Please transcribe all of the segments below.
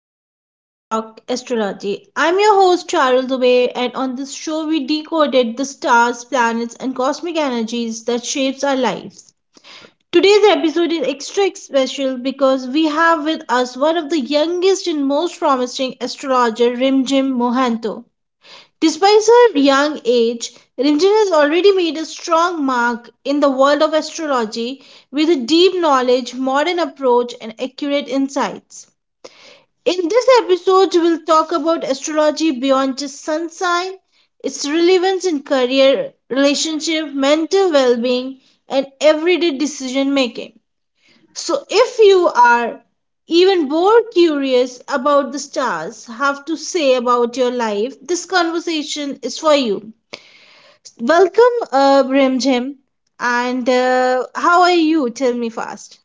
welcome to Let's Talk Astrology. I'm your host, Charul Dubey, and on this show, we decoded the stars, planets, and cosmic energies that shapes our lives. Today's episode is extra special because we have with us one of the youngest and most promising astrologer, Rimjim Mohanto. Despite her young age, Rimjim has already made a strong mark in the world of astrology with a deep knowledge, modern approach, and accurate insights. In this episode, we'll talk about astrology beyond just sun sign, its relevance in career, relationship, mental well being, and everyday decision making. So, if you are even more curious about the stars have to say about your life, this conversation is for you. Welcome, Brimjim, and how are you? Tell me fast.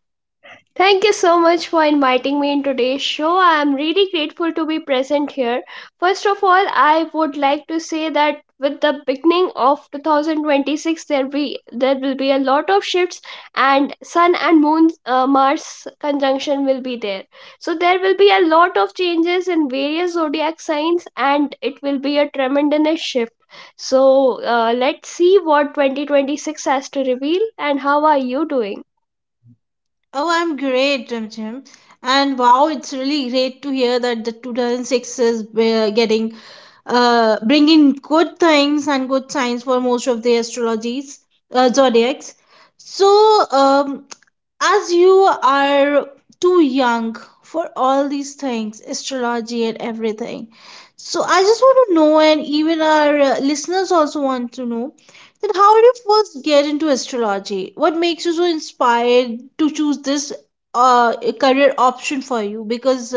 Thank you so much for inviting me in today's show. I am really grateful to be present here. First of all, I would like to say that with the beginning of 2026 there will be a lot of shifts and sun and moon mars conjunction will be there, so there will be a lot of changes in various zodiac signs, and it will be a tremendous shift. so let's see what 2026 has to reveal. And how are you doing? Oh, I'm great, Jim Jim. And wow, it's really great to hear that the 2006 is getting bringing good things and good signs for most of the astrologies, zodiacs. So, as you are too young for all these things, astrology and everything. So I just want to know, and even our listeners also want to know, that how did you first get into astrology? What makes you so inspired to choose this career option for you? Because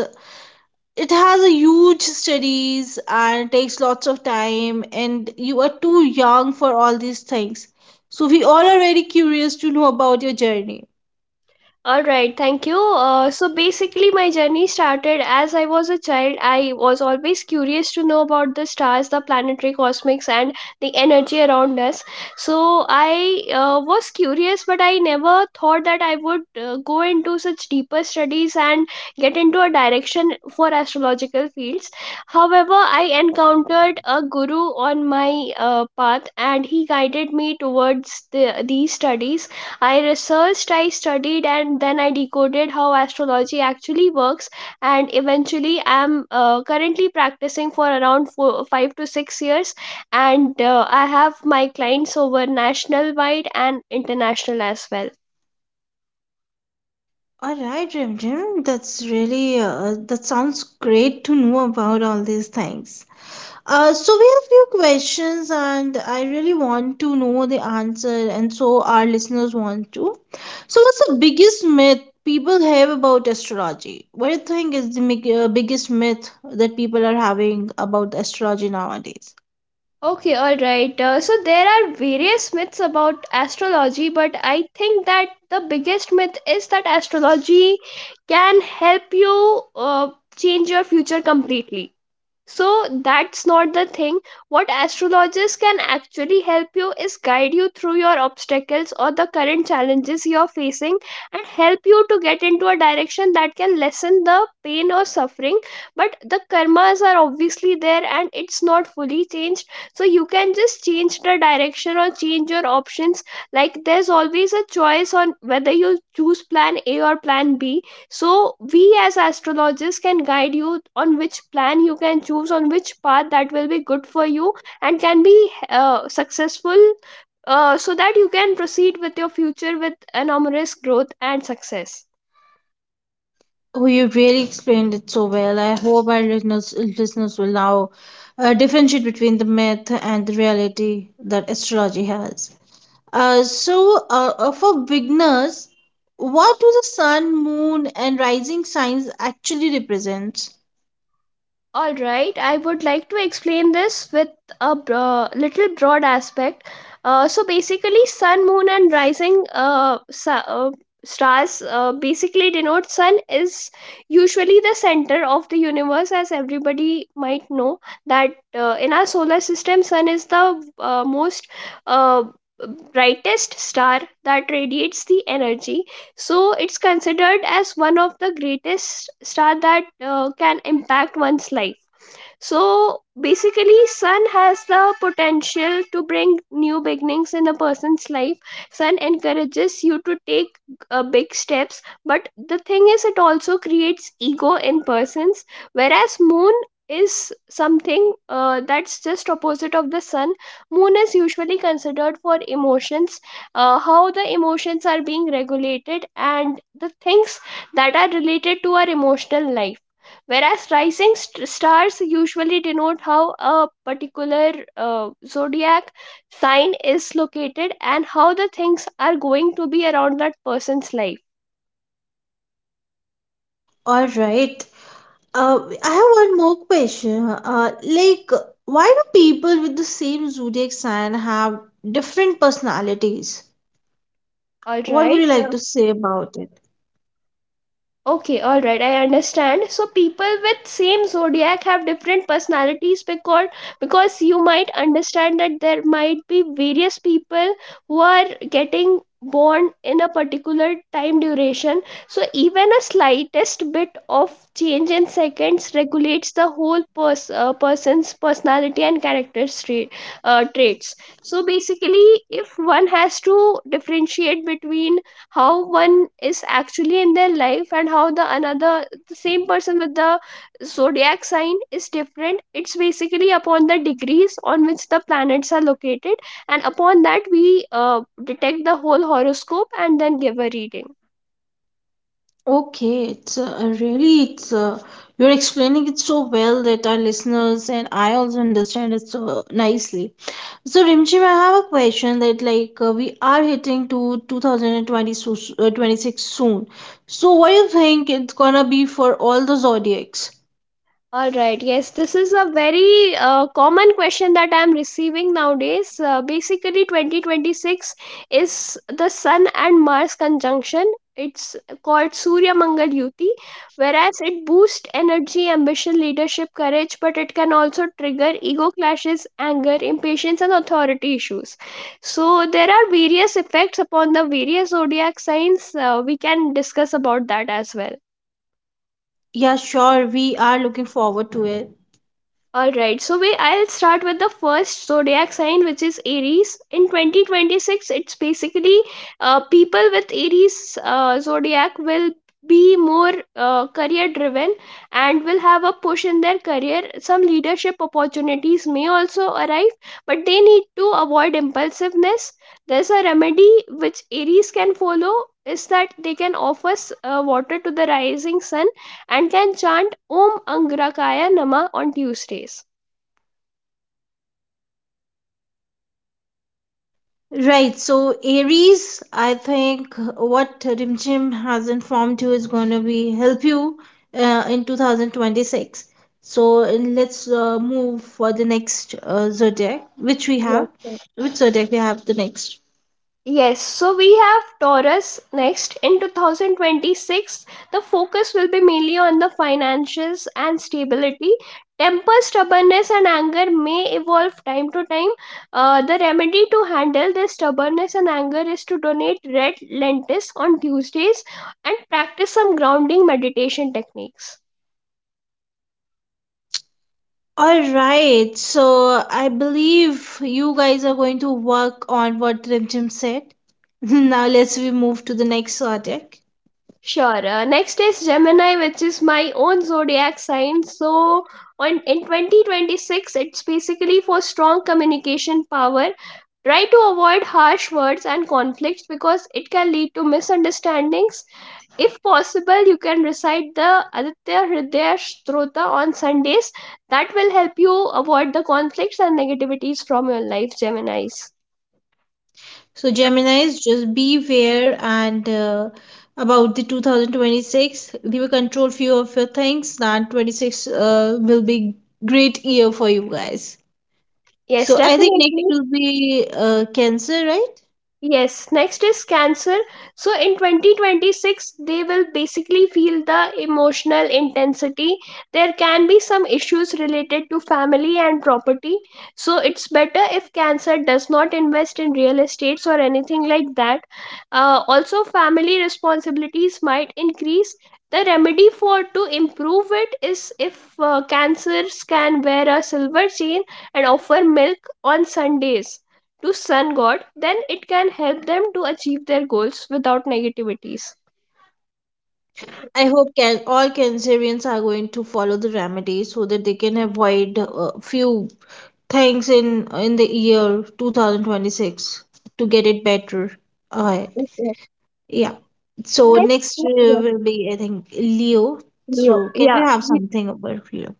it has a huge studies and takes lots of time, and you are too young for all these things. So we all are very curious to know about your journey. All right, thank you. So basically, my journey started as I was a child. I was always curious to know about the stars, the planetary cosmics, and the energy around us. So I was curious, but I never thought that I would go into such deeper studies and get into a direction for astrological fields. However, I encountered a guru on my path, and he guided me towards these studies. I researched, I studied, and then I decoded how astrology actually works. And eventually, I'm currently practicing for around 4, 5 to 6 years. And I have my clients over national wide and international as well. All right, Jim Jim, that's really that sounds great to know about all these things. So we have few questions, and I really want to know the answer, and so our listeners want to. So, what's the biggest myth people have about astrology? What do you think is the biggest myth that people are having about astrology nowadays? Okay, all right. So there are various myths about astrology, but I think that the biggest myth is that astrology can help you change your future completely. So that's not the thing. What astrologers can actually help you is guide you through your obstacles or the current challenges you're facing, and help you to get into a direction that can lessen the pain or suffering. But the karmas are obviously there and it's not fully changed, so you can just change the direction or change your options. Like, there's always a choice on whether you choose plan a or plan b. So we as astrologers can guide you on which plan you can choose, on which path that will be good for you and can be successful, so that you can proceed with your future with enormous growth and success. Oh, you really explained it so well. I hope our listeners will now differentiate between the myth and the reality that astrology has. So, for beginners, what do the sun, moon, and rising signs actually represent? All right, I would like to explain this with little broad aspect. So basically, sun, moon, and rising stars basically denote: sun is usually the center of the universe, as everybody might know that in our solar system, sun is the most uh, brightest star that radiates the energy, so it's considered as one of the greatest star that can impact one's life. So basically, sun has the potential to bring new beginnings in a person's life. Sun encourages you to take big steps, but the thing is, it also creates ego in persons. Whereas moon is something that's just opposite of the sun. Moon is usually considered for emotions, how the emotions are being regulated, and the things that are related to our emotional life. Whereas rising stars usually denote how a particular zodiac sign is located and how the things are going to be around that person's life. All right. Uh, I have one more question. Like, why do people with the same zodiac sign have different personalities? All What would you right. like to say about it? Okay, all right, I understand. So people with same zodiac have different personalities because you might understand that there might be various people who are getting born in a particular time duration. So even a slightest bit of change in seconds regulates the whole person's personality and character traits. So basically, if one has to differentiate between how one is actually in their life and how the another the same person with the zodiac sign is different, it's basically upon the degrees on which the planets are located, and upon that we detect the whole horoscope and then give a reading. Okay, it's really it's you're explaining it so well that our listeners and I also understand it so nicely. So Rimchim, I have a question that like we are hitting to 2020 so, 26 soon. So what do you think it's gonna be for all the zodiacs? All right, yes, this is a very common question that I'm receiving nowadays. Basically, 2026 is the Sun and Mars conjunction. It's called Surya Mangal Yuti, whereas it boosts energy, ambition, leadership, courage, but it can also trigger ego clashes, anger, impatience, and authority issues. So, there are various effects upon the various zodiac signs. We can discuss about that as well. Yeah, sure, we are looking forward to it. All right, so we I'll start with the first zodiac sign, which is Aries. In 2026, it's basically people with Aries zodiac will be more career driven and will have a push in their career. Some leadership opportunities may also arrive, but they need to avoid impulsiveness. There's a remedy which Aries can follow is that they can offer water to the rising sun and can chant Om Angrakaya Nama on Tuesdays. Right, so Aries, I think what Rimchim has informed you is going to be help you in 2026. So let's move for the next zodiac, which we Yes, have. sir. Which zodiac we have the next? Yes, so we have Taurus next. In 2026, the focus will be mainly on the finances and stability. Temper, stubbornness, and anger may evolve time to time. The remedy to handle this stubbornness and anger is to donate red lentils on Tuesdays and practice some grounding meditation techniques. All right, so I believe you guys are going to work on what Rimchim said. Now let's we move to the next zodiac. Sure. Next is Gemini, which is my own zodiac sign. So, on in 2026, it's basically for strong communication power. Try to avoid harsh words and conflicts because it can lead to misunderstandings. If possible, you can recite the Aditya Hridaya Strota on Sundays. That will help you avoid the conflicts and negativities from your life, Geminis. So Gemini's just beware and about the 2026, they will control few of your things. That 26 will be great year for you guys. Yes, So I think next definitely. will be Cancer, right? Yes, next is Cancer. So in 2026, they will basically feel the emotional intensity. There can be some issues related to family and property. So it's better if Cancer does not invest in real estates or anything like that. Also, family responsibilities might increase. The remedy for to improve it is if Cancers can wear a silver chain and offer milk on Sundays to sun god, then it can help them to achieve their goals without negativities. I hope can all Cancerians are going to follow the remedy so that they can avoid few things in the year 2026 to get it better. Uh, Yes, yes. Yeah. So Next, next yes, will be, I think, Leo. Leo. So can we Yeah. have something about Leo?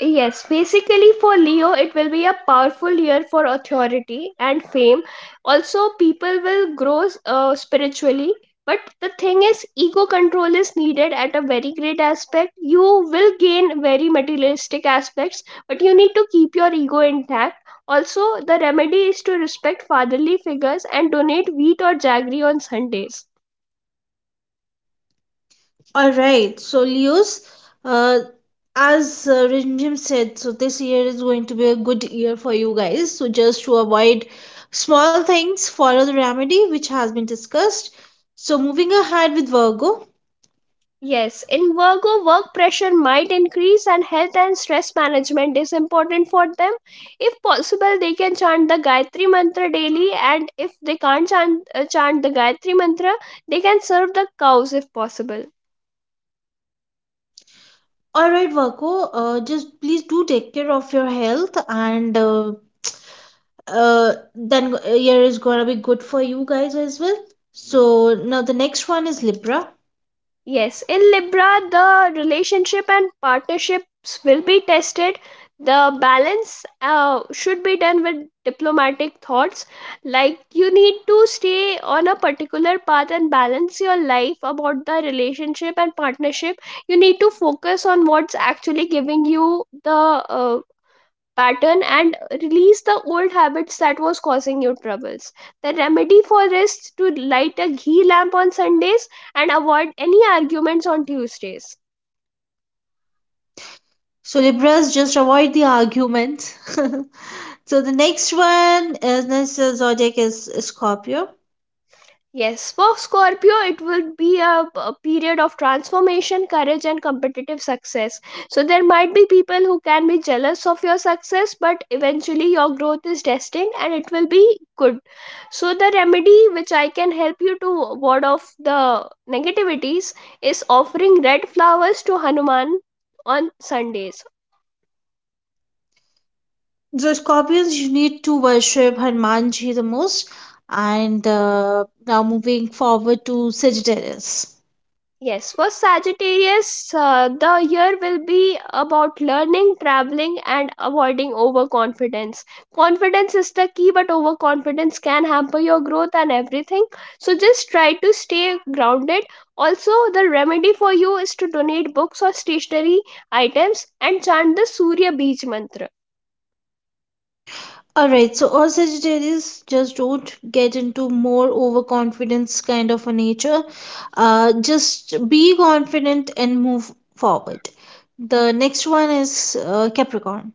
Yes, basically for Leo, it will be a powerful year for authority and fame. Also, people will grow spiritually. But the thing is, ego control is needed at a very great aspect. You will gain very materialistic aspects, but you need to keep your ego intact. Also, the remedy is to respect fatherly figures and donate wheat or jaggery on Sundays. All right. So Leo's, uh, as Rinjim said, so this year is going to be a good year for you guys. So just to avoid small things, follow the remedy which has been discussed. So moving ahead with Virgo. Yes, in Virgo, work pressure might increase, and health and stress management is important for them. If possible, they can chant the Gayatri Mantra daily, and if they can't chant, chant the Gayatri Mantra, they can serve the cows if possible. All right, Virgo. Just please do take care of your health and then year is gonna be good for you guys as well. So now the next one is Libra. Yes, in Libra, the relationship and partnerships will be tested. The balance should be done with diplomatic thoughts. Like, you need to stay on a particular path and balance your life about the relationship and partnership. You need to focus on what's actually giving you the uh, pattern and release the old habits that was causing you troubles. The remedy for is to light a ghee lamp on Sundays and avoid any arguments on Tuesdays. So Libras just avoid the arguments. So the next one is next zodiac is Scorpio. Yes, for Scorpio, it would be a period of transformation, courage, and competitive success. So, there might be people who can be jealous of your success, but eventually your growth is destined and it will be good. So, the remedy which I can help you to ward off the negativities is offering red flowers to Hanuman on Sundays. So Scorpions you need to worship Hanumanji the most. And now moving forward to Sagittarius. Yes, for Sagittarius, the year will be about learning, traveling, and avoiding overconfidence. Confidence is the key, but overconfidence can hamper your growth and everything. So just try to stay grounded. Also, the remedy for you is to donate books or stationery items and chant the Surya Beej mantra. All right, so all Sagittarius just don't get into more overconfidence kind of a nature. Just be confident and move forward. The next one is Capricorn,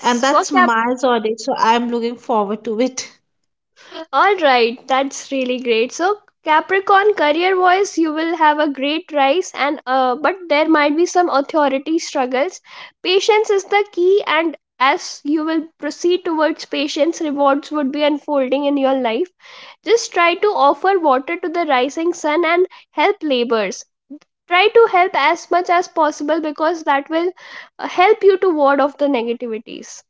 and for that's Cap- my zodiac, so I'm looking forward to it. All right, that's really great. So, Capricorn career wise, you will have a great rise, and but there might be some authority struggles. Patience is the key, and as you will proceed towards patience, rewards would be unfolding in your life. Just try to offer water to the rising sun and help labors. Try to help as much as possible because that will help you to ward off the negativities.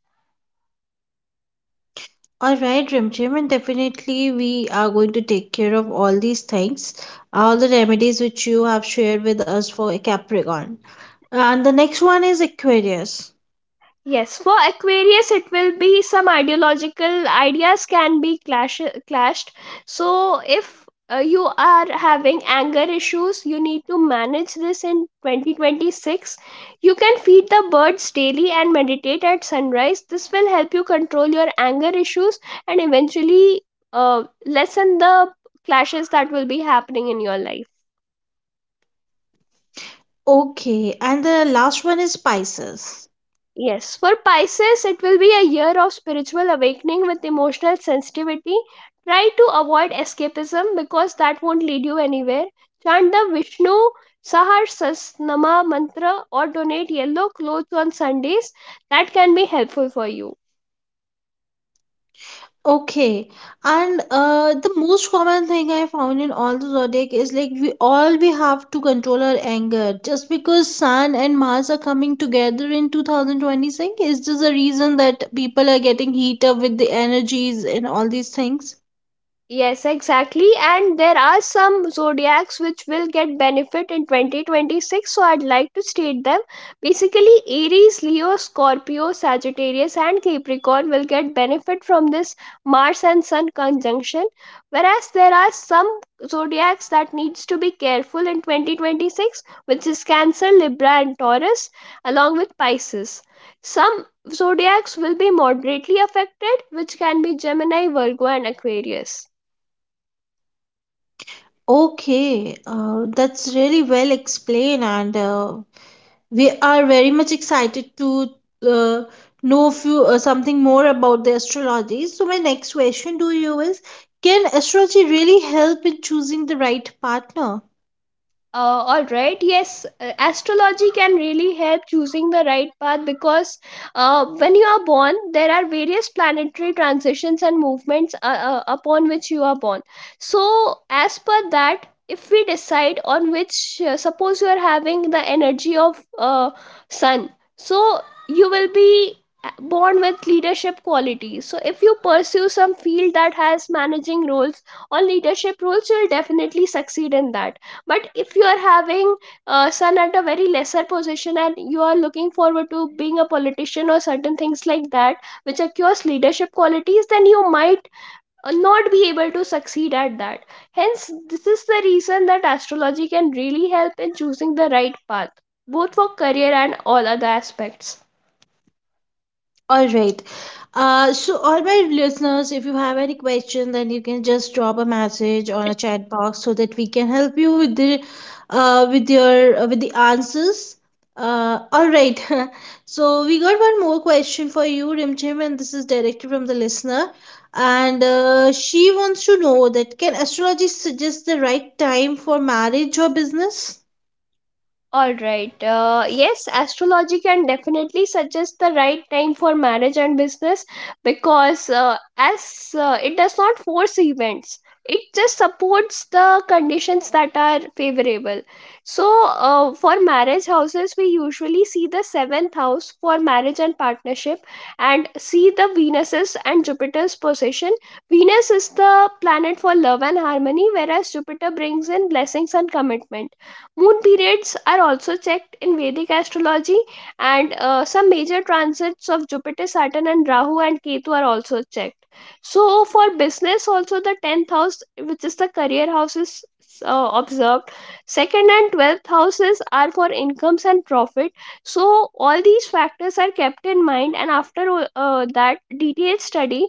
All right, Rimchim, and definitely we are going to take care of all these things, all the remedies which you have shared with us for Capricorn. And the next one is Aquarius. Yes, for Aquarius, it will be some ideological ideas can be clashed. So, if you are having anger issues, you need to manage this in 2026. You can feed the birds daily and meditate at sunrise. This will help you control your anger issues and eventually lessen the clashes that will be happening in your life. Okay, and the last one is spices. Yes, for Pisces, it will be a year of spiritual awakening with emotional sensitivity. Try to avoid escapism because that won't lead you anywhere. Chant the Vishnu Sahasranama mantra or donate yellow clothes on Sundays. That can be helpful for you. Okay, and the most common thing I found in all the zodiac is like we all we have to control our anger. Just because Sun and Mars are coming together in 2026 is just a reason that people are getting heat up with the energies and all these things. Yes, exactly. And there are some zodiacs which will get benefit in 2026, so I'd like to state them. Basically, Aries, Leo, Scorpio, Sagittarius, and Capricorn will get benefit from this Mars and Sun conjunction, whereas there are some zodiacs that needs to be careful in 2026, which is Cancer, Libra, and Taurus, along with Pisces. Some zodiacs will be moderately affected, which can be Gemini, Virgo, and Aquarius. Okay, that's really well explained and we are very much excited to uh, know few, something more about the astrology. So my next question to you is, can astrology really help in choosing the right partner? All right, yes, astrology can really help choosing the right path because when you are born there are various planetary transitions and movements upon which you are born, so as per that if we decide on which, suppose you are having the energy of sun, so you will be born with leadership qualities. So if you pursue some field that has managing roles or leadership roles, you'll definitely succeed in that. But if you are having son at a very lesser position and you are looking forward to being a politician or certain things like that which acquires leadership qualities, then you might not be able to succeed at that. Hence this is the reason that astrology can really help in choosing the right path, both for career and all other aspects. All right. So, all my listeners, if you have any question, then you can just drop a message on a chat box so that we can help you with the answers. All right. So we got one more question for you, Rimchim, and this is directly from the listener, and she wants to know that can astrology suggest the right time for marriage or business? All right. Yes, astrology can definitely suggest the right time for marriage and business, because as it does not force events, it just supports the conditions that are favorable. So, for marriage houses, we usually see the seventh house for marriage and partnership, and see the Venus's and Jupiter's position. Venus is the planet for love and harmony, whereas Jupiter brings in blessings and commitment. Moon periods are also checked in Vedic astrology, and some major transits of Jupiter, Saturn, and Rahu and Ketu are also checked. So, for business, also the 10th house, which is the career house, is observed. Second and 12th houses are for incomes and profit. So, all these factors are kept in mind, and after that detailed study,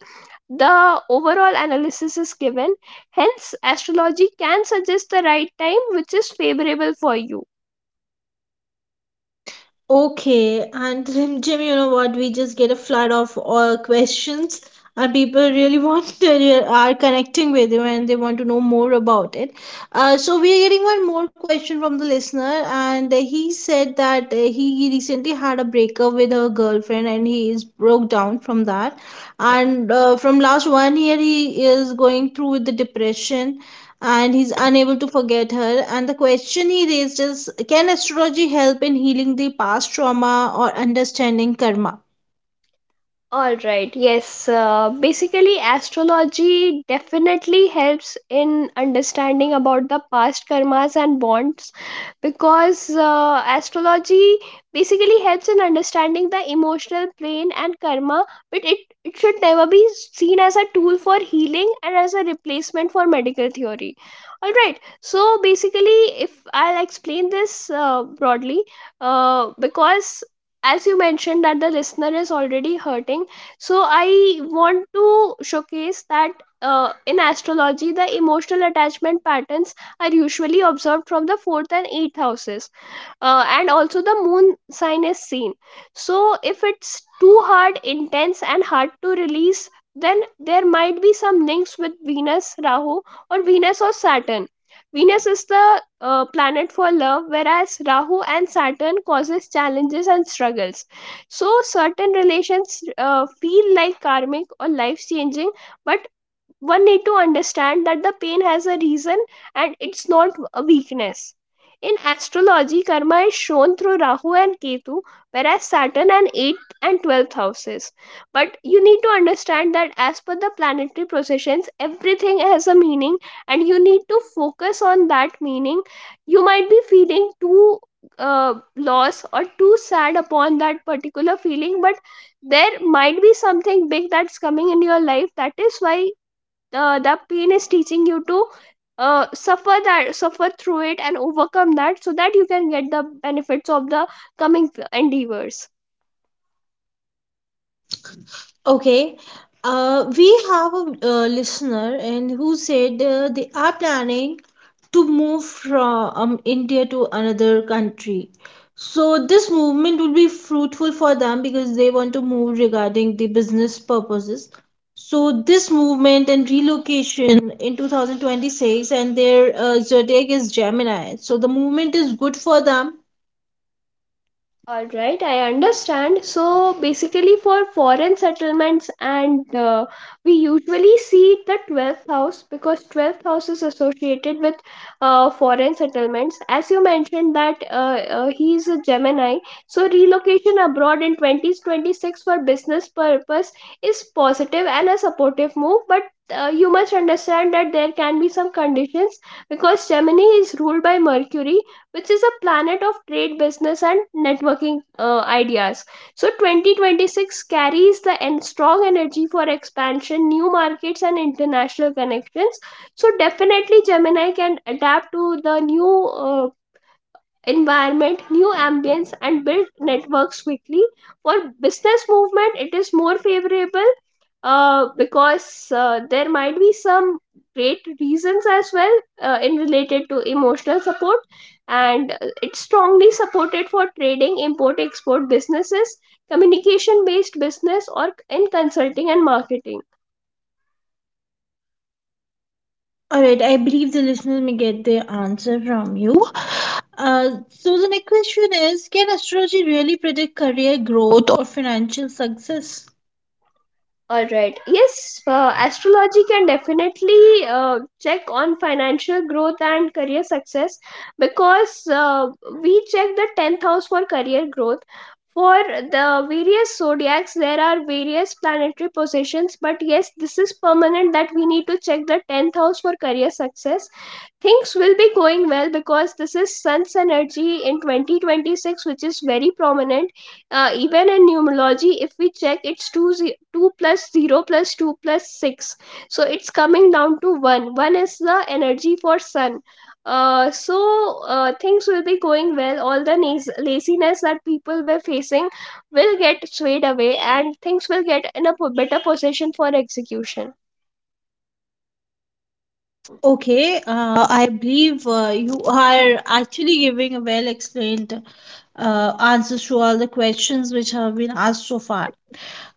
the overall analysis is given. Hence, astrology can suggest the right time which is favorable for you. Okay, and Jim, Jim, you know what? We just get a flood of all questions, and people really want to are connecting with you and they want to know more about it. So we are getting one more question from the listener, and he said that he recently had a breakup with her girlfriend, and he is broke down from that. And from last one year, he is going through with the depression and he's unable to forget her. And the question he raised is, can astrology help in healing the past trauma or understanding karma? All right, yes. Basically, astrology definitely helps in understanding about the past karmas and bonds, because astrology basically helps in understanding the emotional plane and karma, but it should never be seen as a tool for healing and as a replacement for medical theory. All right, so basically, if I'll explain this broadly, because as you mentioned that the listener is already hurting, so I want to showcase that, in astrology the emotional attachment patterns are usually observed from the fourth and eighth houses, and also the moon sign is seen. So if it's too hard, intense and hard to release, then there might be some links with Venus, Rahu, or Venus or Saturn. Venus is the planet for love, whereas Rahu and Saturn causes challenges and struggles. So certain relations feel like karmic or life changing, but one need to understand that the pain has a reason and it's not a weakness. In astrology, karma is shown through Rahu and Ketu, whereas Saturn and 8th and 12th houses. But you need to understand that as per the planetary processions, everything has a meaning, and you need to focus on that meaning. You might be feeling too lost or too sad upon that particular feeling, but there might be something big that's coming in your life. That is why the pain is teaching you to suffer through it and overcome that so that you can get the benefits of the coming endeavors. Okay. We have a listener and who said they are planning to move from India to another country. So this movement will be fruitful for them because they want to move regarding the business purposes. So this movement and relocation in 2026 and their zodiac is Gemini. So the movement is good for them. All right, I understand. So basically, for foreign settlements, and we usually see the 12th house because 12th house is associated with foreign settlements. As you mentioned that he is a Gemini, so relocation abroad in 2026 for business purpose is positive and a supportive move, but you must understand that there can be some conditions because Gemini is ruled by Mercury, which is a planet of trade, business, and networking ideas. So, 2026 carries the strong energy for expansion, new markets, and international connections. So, definitely, Gemini can adapt to the new environment, new ambience, and build networks quickly. For business movement, it is more favorable, because there might be some great reasons as well, in related to emotional support, and it's strongly supported for trading, import export businesses, communication based business, or in consulting and marketing. All right, I believe the listener may get their answer from you. So the next question is, can astrology really predict career growth or financial success? All right. Yes, astrology can definitely check on financial growth and career success because we check the 10th house for career growth. For the various zodiacs, there are various planetary positions, but yes, this is permanent that we need to check the 10th house for career success. Things will be going well because this is sun's energy in 2026, which is very prominent. Even in numerology, if we check, it's 2 plus 0 plus 2 plus 6, so it's coming down to 1. 1 is the energy for sun. uh, so Things will be going well. All the laziness that people were facing will get swayed away, and things will get in a better position for execution. Okay, I believe you are actually giving a well explained answers to all the questions which have been asked so far.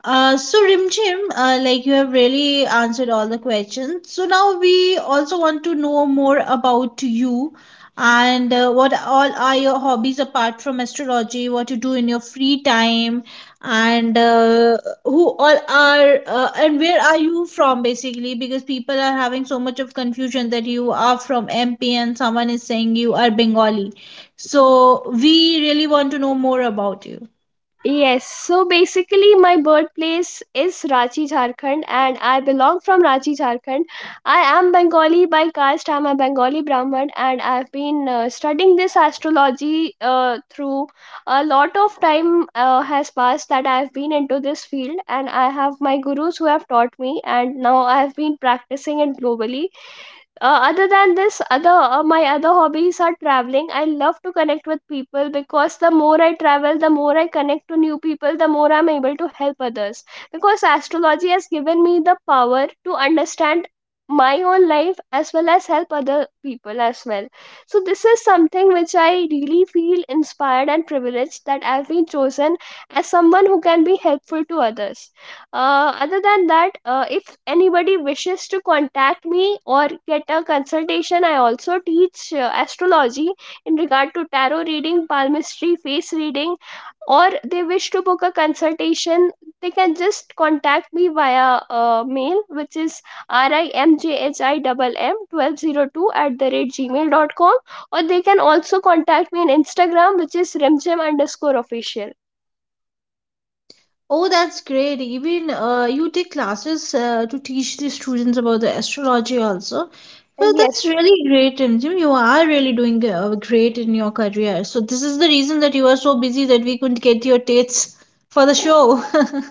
So Rim Jim, like you have really answered all the questions. So now we also want to know more about you and what all are your hobbies apart from astrology, what you do in your free time, and who all are and where are you from basically? Because people are having so much of confusion that you are from MP and someone is saying you are Bengali. So we really want to know more about you. Yes, so basically my birthplace is Ranchi, Jharkhand, and I belong from Ranchi, Jharkhand. I am Bengali by caste. I'm a Bengali Brahmin, and I've been studying this astrology through a lot of time has passed that I've been into this field, and I have my gurus who have taught me, and now I've been practicing it globally. Other than this, other my other hobbies are traveling. I love to connect with people because the more I travel, the more I connect to new people, the more I'm able to help others, because astrology has given me the power to understand my own life as well as help other people as well. So this is something which I really feel inspired and privileged that I've been chosen as someone who can be helpful to others. Other than that, if anybody wishes to contact me or get a consultation, I also teach astrology in regard to tarot reading, palmistry, face reading, or they wish to book a consultation, they can just contact me via mail, which is rimjhimm1202 at the rate gmail.com. Or they can also contact me on Instagram, which is remjim underscore official. Oh, that's great. Even you take classes to teach the students about the astrology also. Well, that's Yes. really great, and Jim, you are really doing great in your career. So this is the reason that you are so busy that we couldn't get your dates for the show.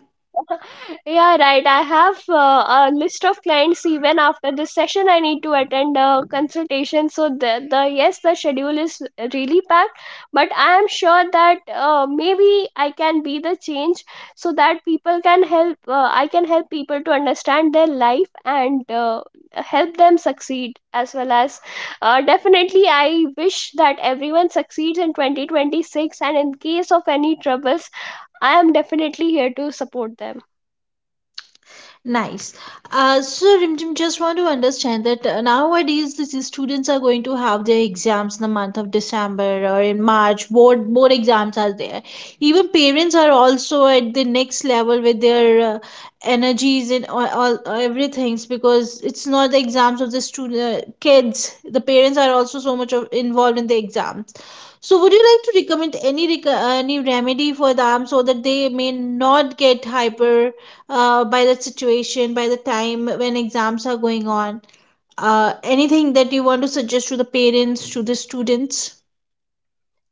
Yeah, right. I have a list of clients even after this session. I need to attend a consultation. So the schedule is really packed, but I am sure that maybe I can be the change so that people can help. I can help people to understand their life and help them succeed, as well as definitely. I wish that everyone succeeds in 2026. And in case of any troubles, I am definitely here to support them. Nice. So, Rimjim, just want to understand that nowadays these students are going to have their exams in the month of December or in March. Board exams are there. Even parents are also at the next level with their energies and all everything's because it's not the exams of the student kids. The parents are also so much of, involved in the exam. So, would you like to recommend any remedy for them so that they may not get hyper by the situation, by the time when exams are going on? Anything that you want to suggest to the parents, to the students?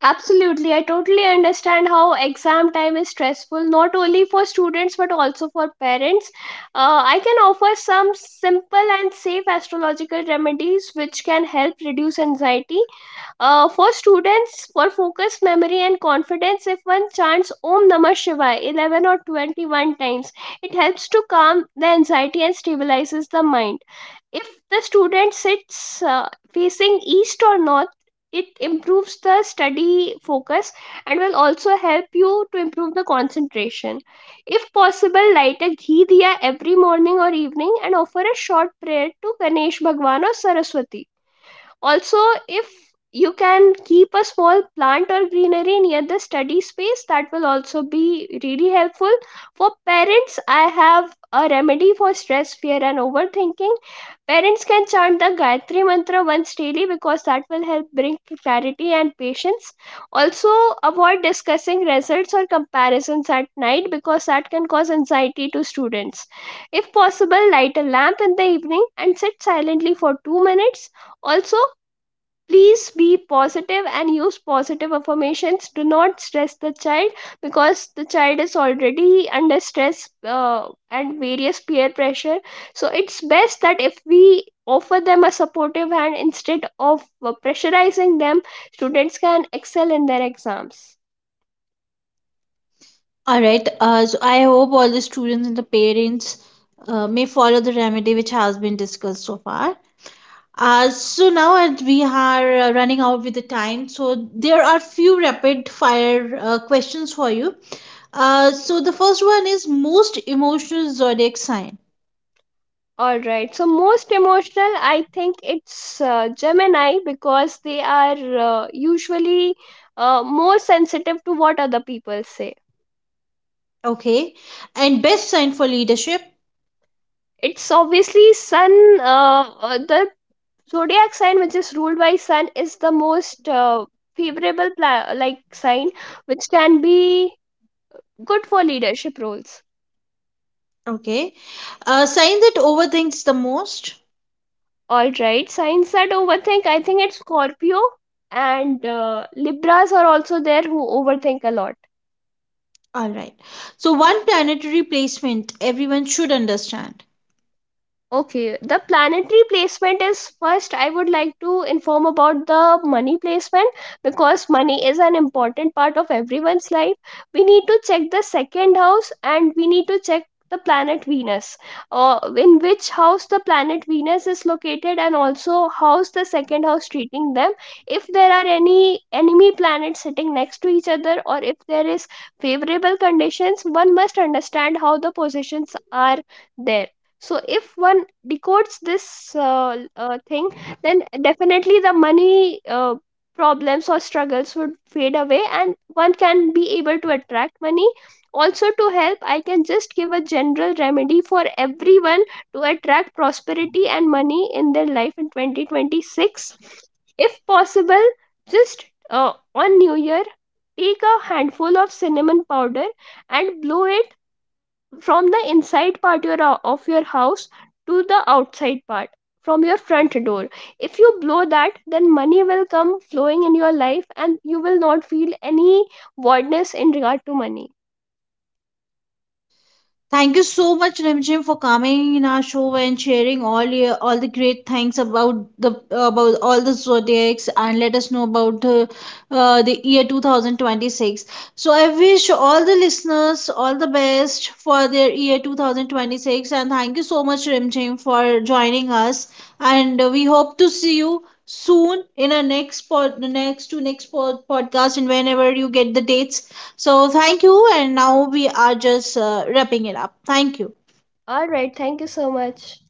Absolutely. I totally understand how exam time is stressful, not only for students but also for parents. I can offer some simple and safe astrological remedies which can help reduce anxiety. For students, for focus, memory, and confidence, if one chants Om Namah Shivaya 11 or 21 times, it helps to calm the anxiety and stabilizes the mind. If the student sits facing east or north, it improves the study focus and will also help you to improve the concentration. If possible, light a ghee diya every morning or evening and offer a short prayer to Ganesh Bhagwan or Saraswati. Also, if you can keep a small plant or greenery near the study space, that will also be really helpful. For parents, I have a remedy for stress, fear, and overthinking. Parents can chant the Gayatri Mantra once daily because that will help bring clarity and patience. Also, avoid discussing results or comparisons at night because that can cause anxiety to students. If possible, light a lamp in the evening and sit silently for 2 minutes. Also, please be positive and use positive affirmations. Do not stress the child because the child is already under stress, and various peer pressure. So it's best that if we offer them a supportive hand instead of pressurizing them, students can excel in their exams. All right. So I hope all the students and the parents may follow the remedy which has been discussed so far. So now as we are running out with the time, so there are few rapid fire questions for you. So the first one is most emotional zodiac sign. All right. So most emotional, I think it's Gemini, because they are usually more sensitive to what other people say. Okay. And best sign for leadership. It's obviously Sun. The zodiac sign which is ruled by Sun is the most favorable like sign which can be good for leadership roles. Okay. A sign that overthinks the most. All right, signs that overthink, I think it's Scorpio, and Libras are also there who overthink a lot. All right. So one planetary placement everyone should understand. Okay, the planetary placement is first. I would like to inform about the money placement because money is an important part of everyone's life. We need to check the second house, and we need to check the planet Venus, in which house the planet Venus is located, and also how's the second house treating them. If there are any enemy planets sitting next to each other, or if there is favorable conditions, one must understand how the positions are there. So if one decodes this thing, then definitely the money problems or struggles would fade away, and one can be able to attract money. Also, to help, I can just give a general remedy for everyone to attract prosperity and money in their life in 2026. If possible, just on new year, take a handful of cinnamon powder and blow it from the inside part, of your house, to the outside part, from your front door. If you blow that, then money will come flowing in your life, and you will not feel any voidness in regard to money. Thank you so much, Rimjim, for coming in our show and sharing all your, all the great things about the about all the zodiacs and let us know about the year 2026. So I wish all the listeners all the best for their year 2026 and thank you so much, Rimjim, for joining us. And we hope to see you soon in our next pod, next to next pod, podcast and whenever you get the dates. So thank you, and now we are just wrapping it up. Thank you. All right, thank you so much.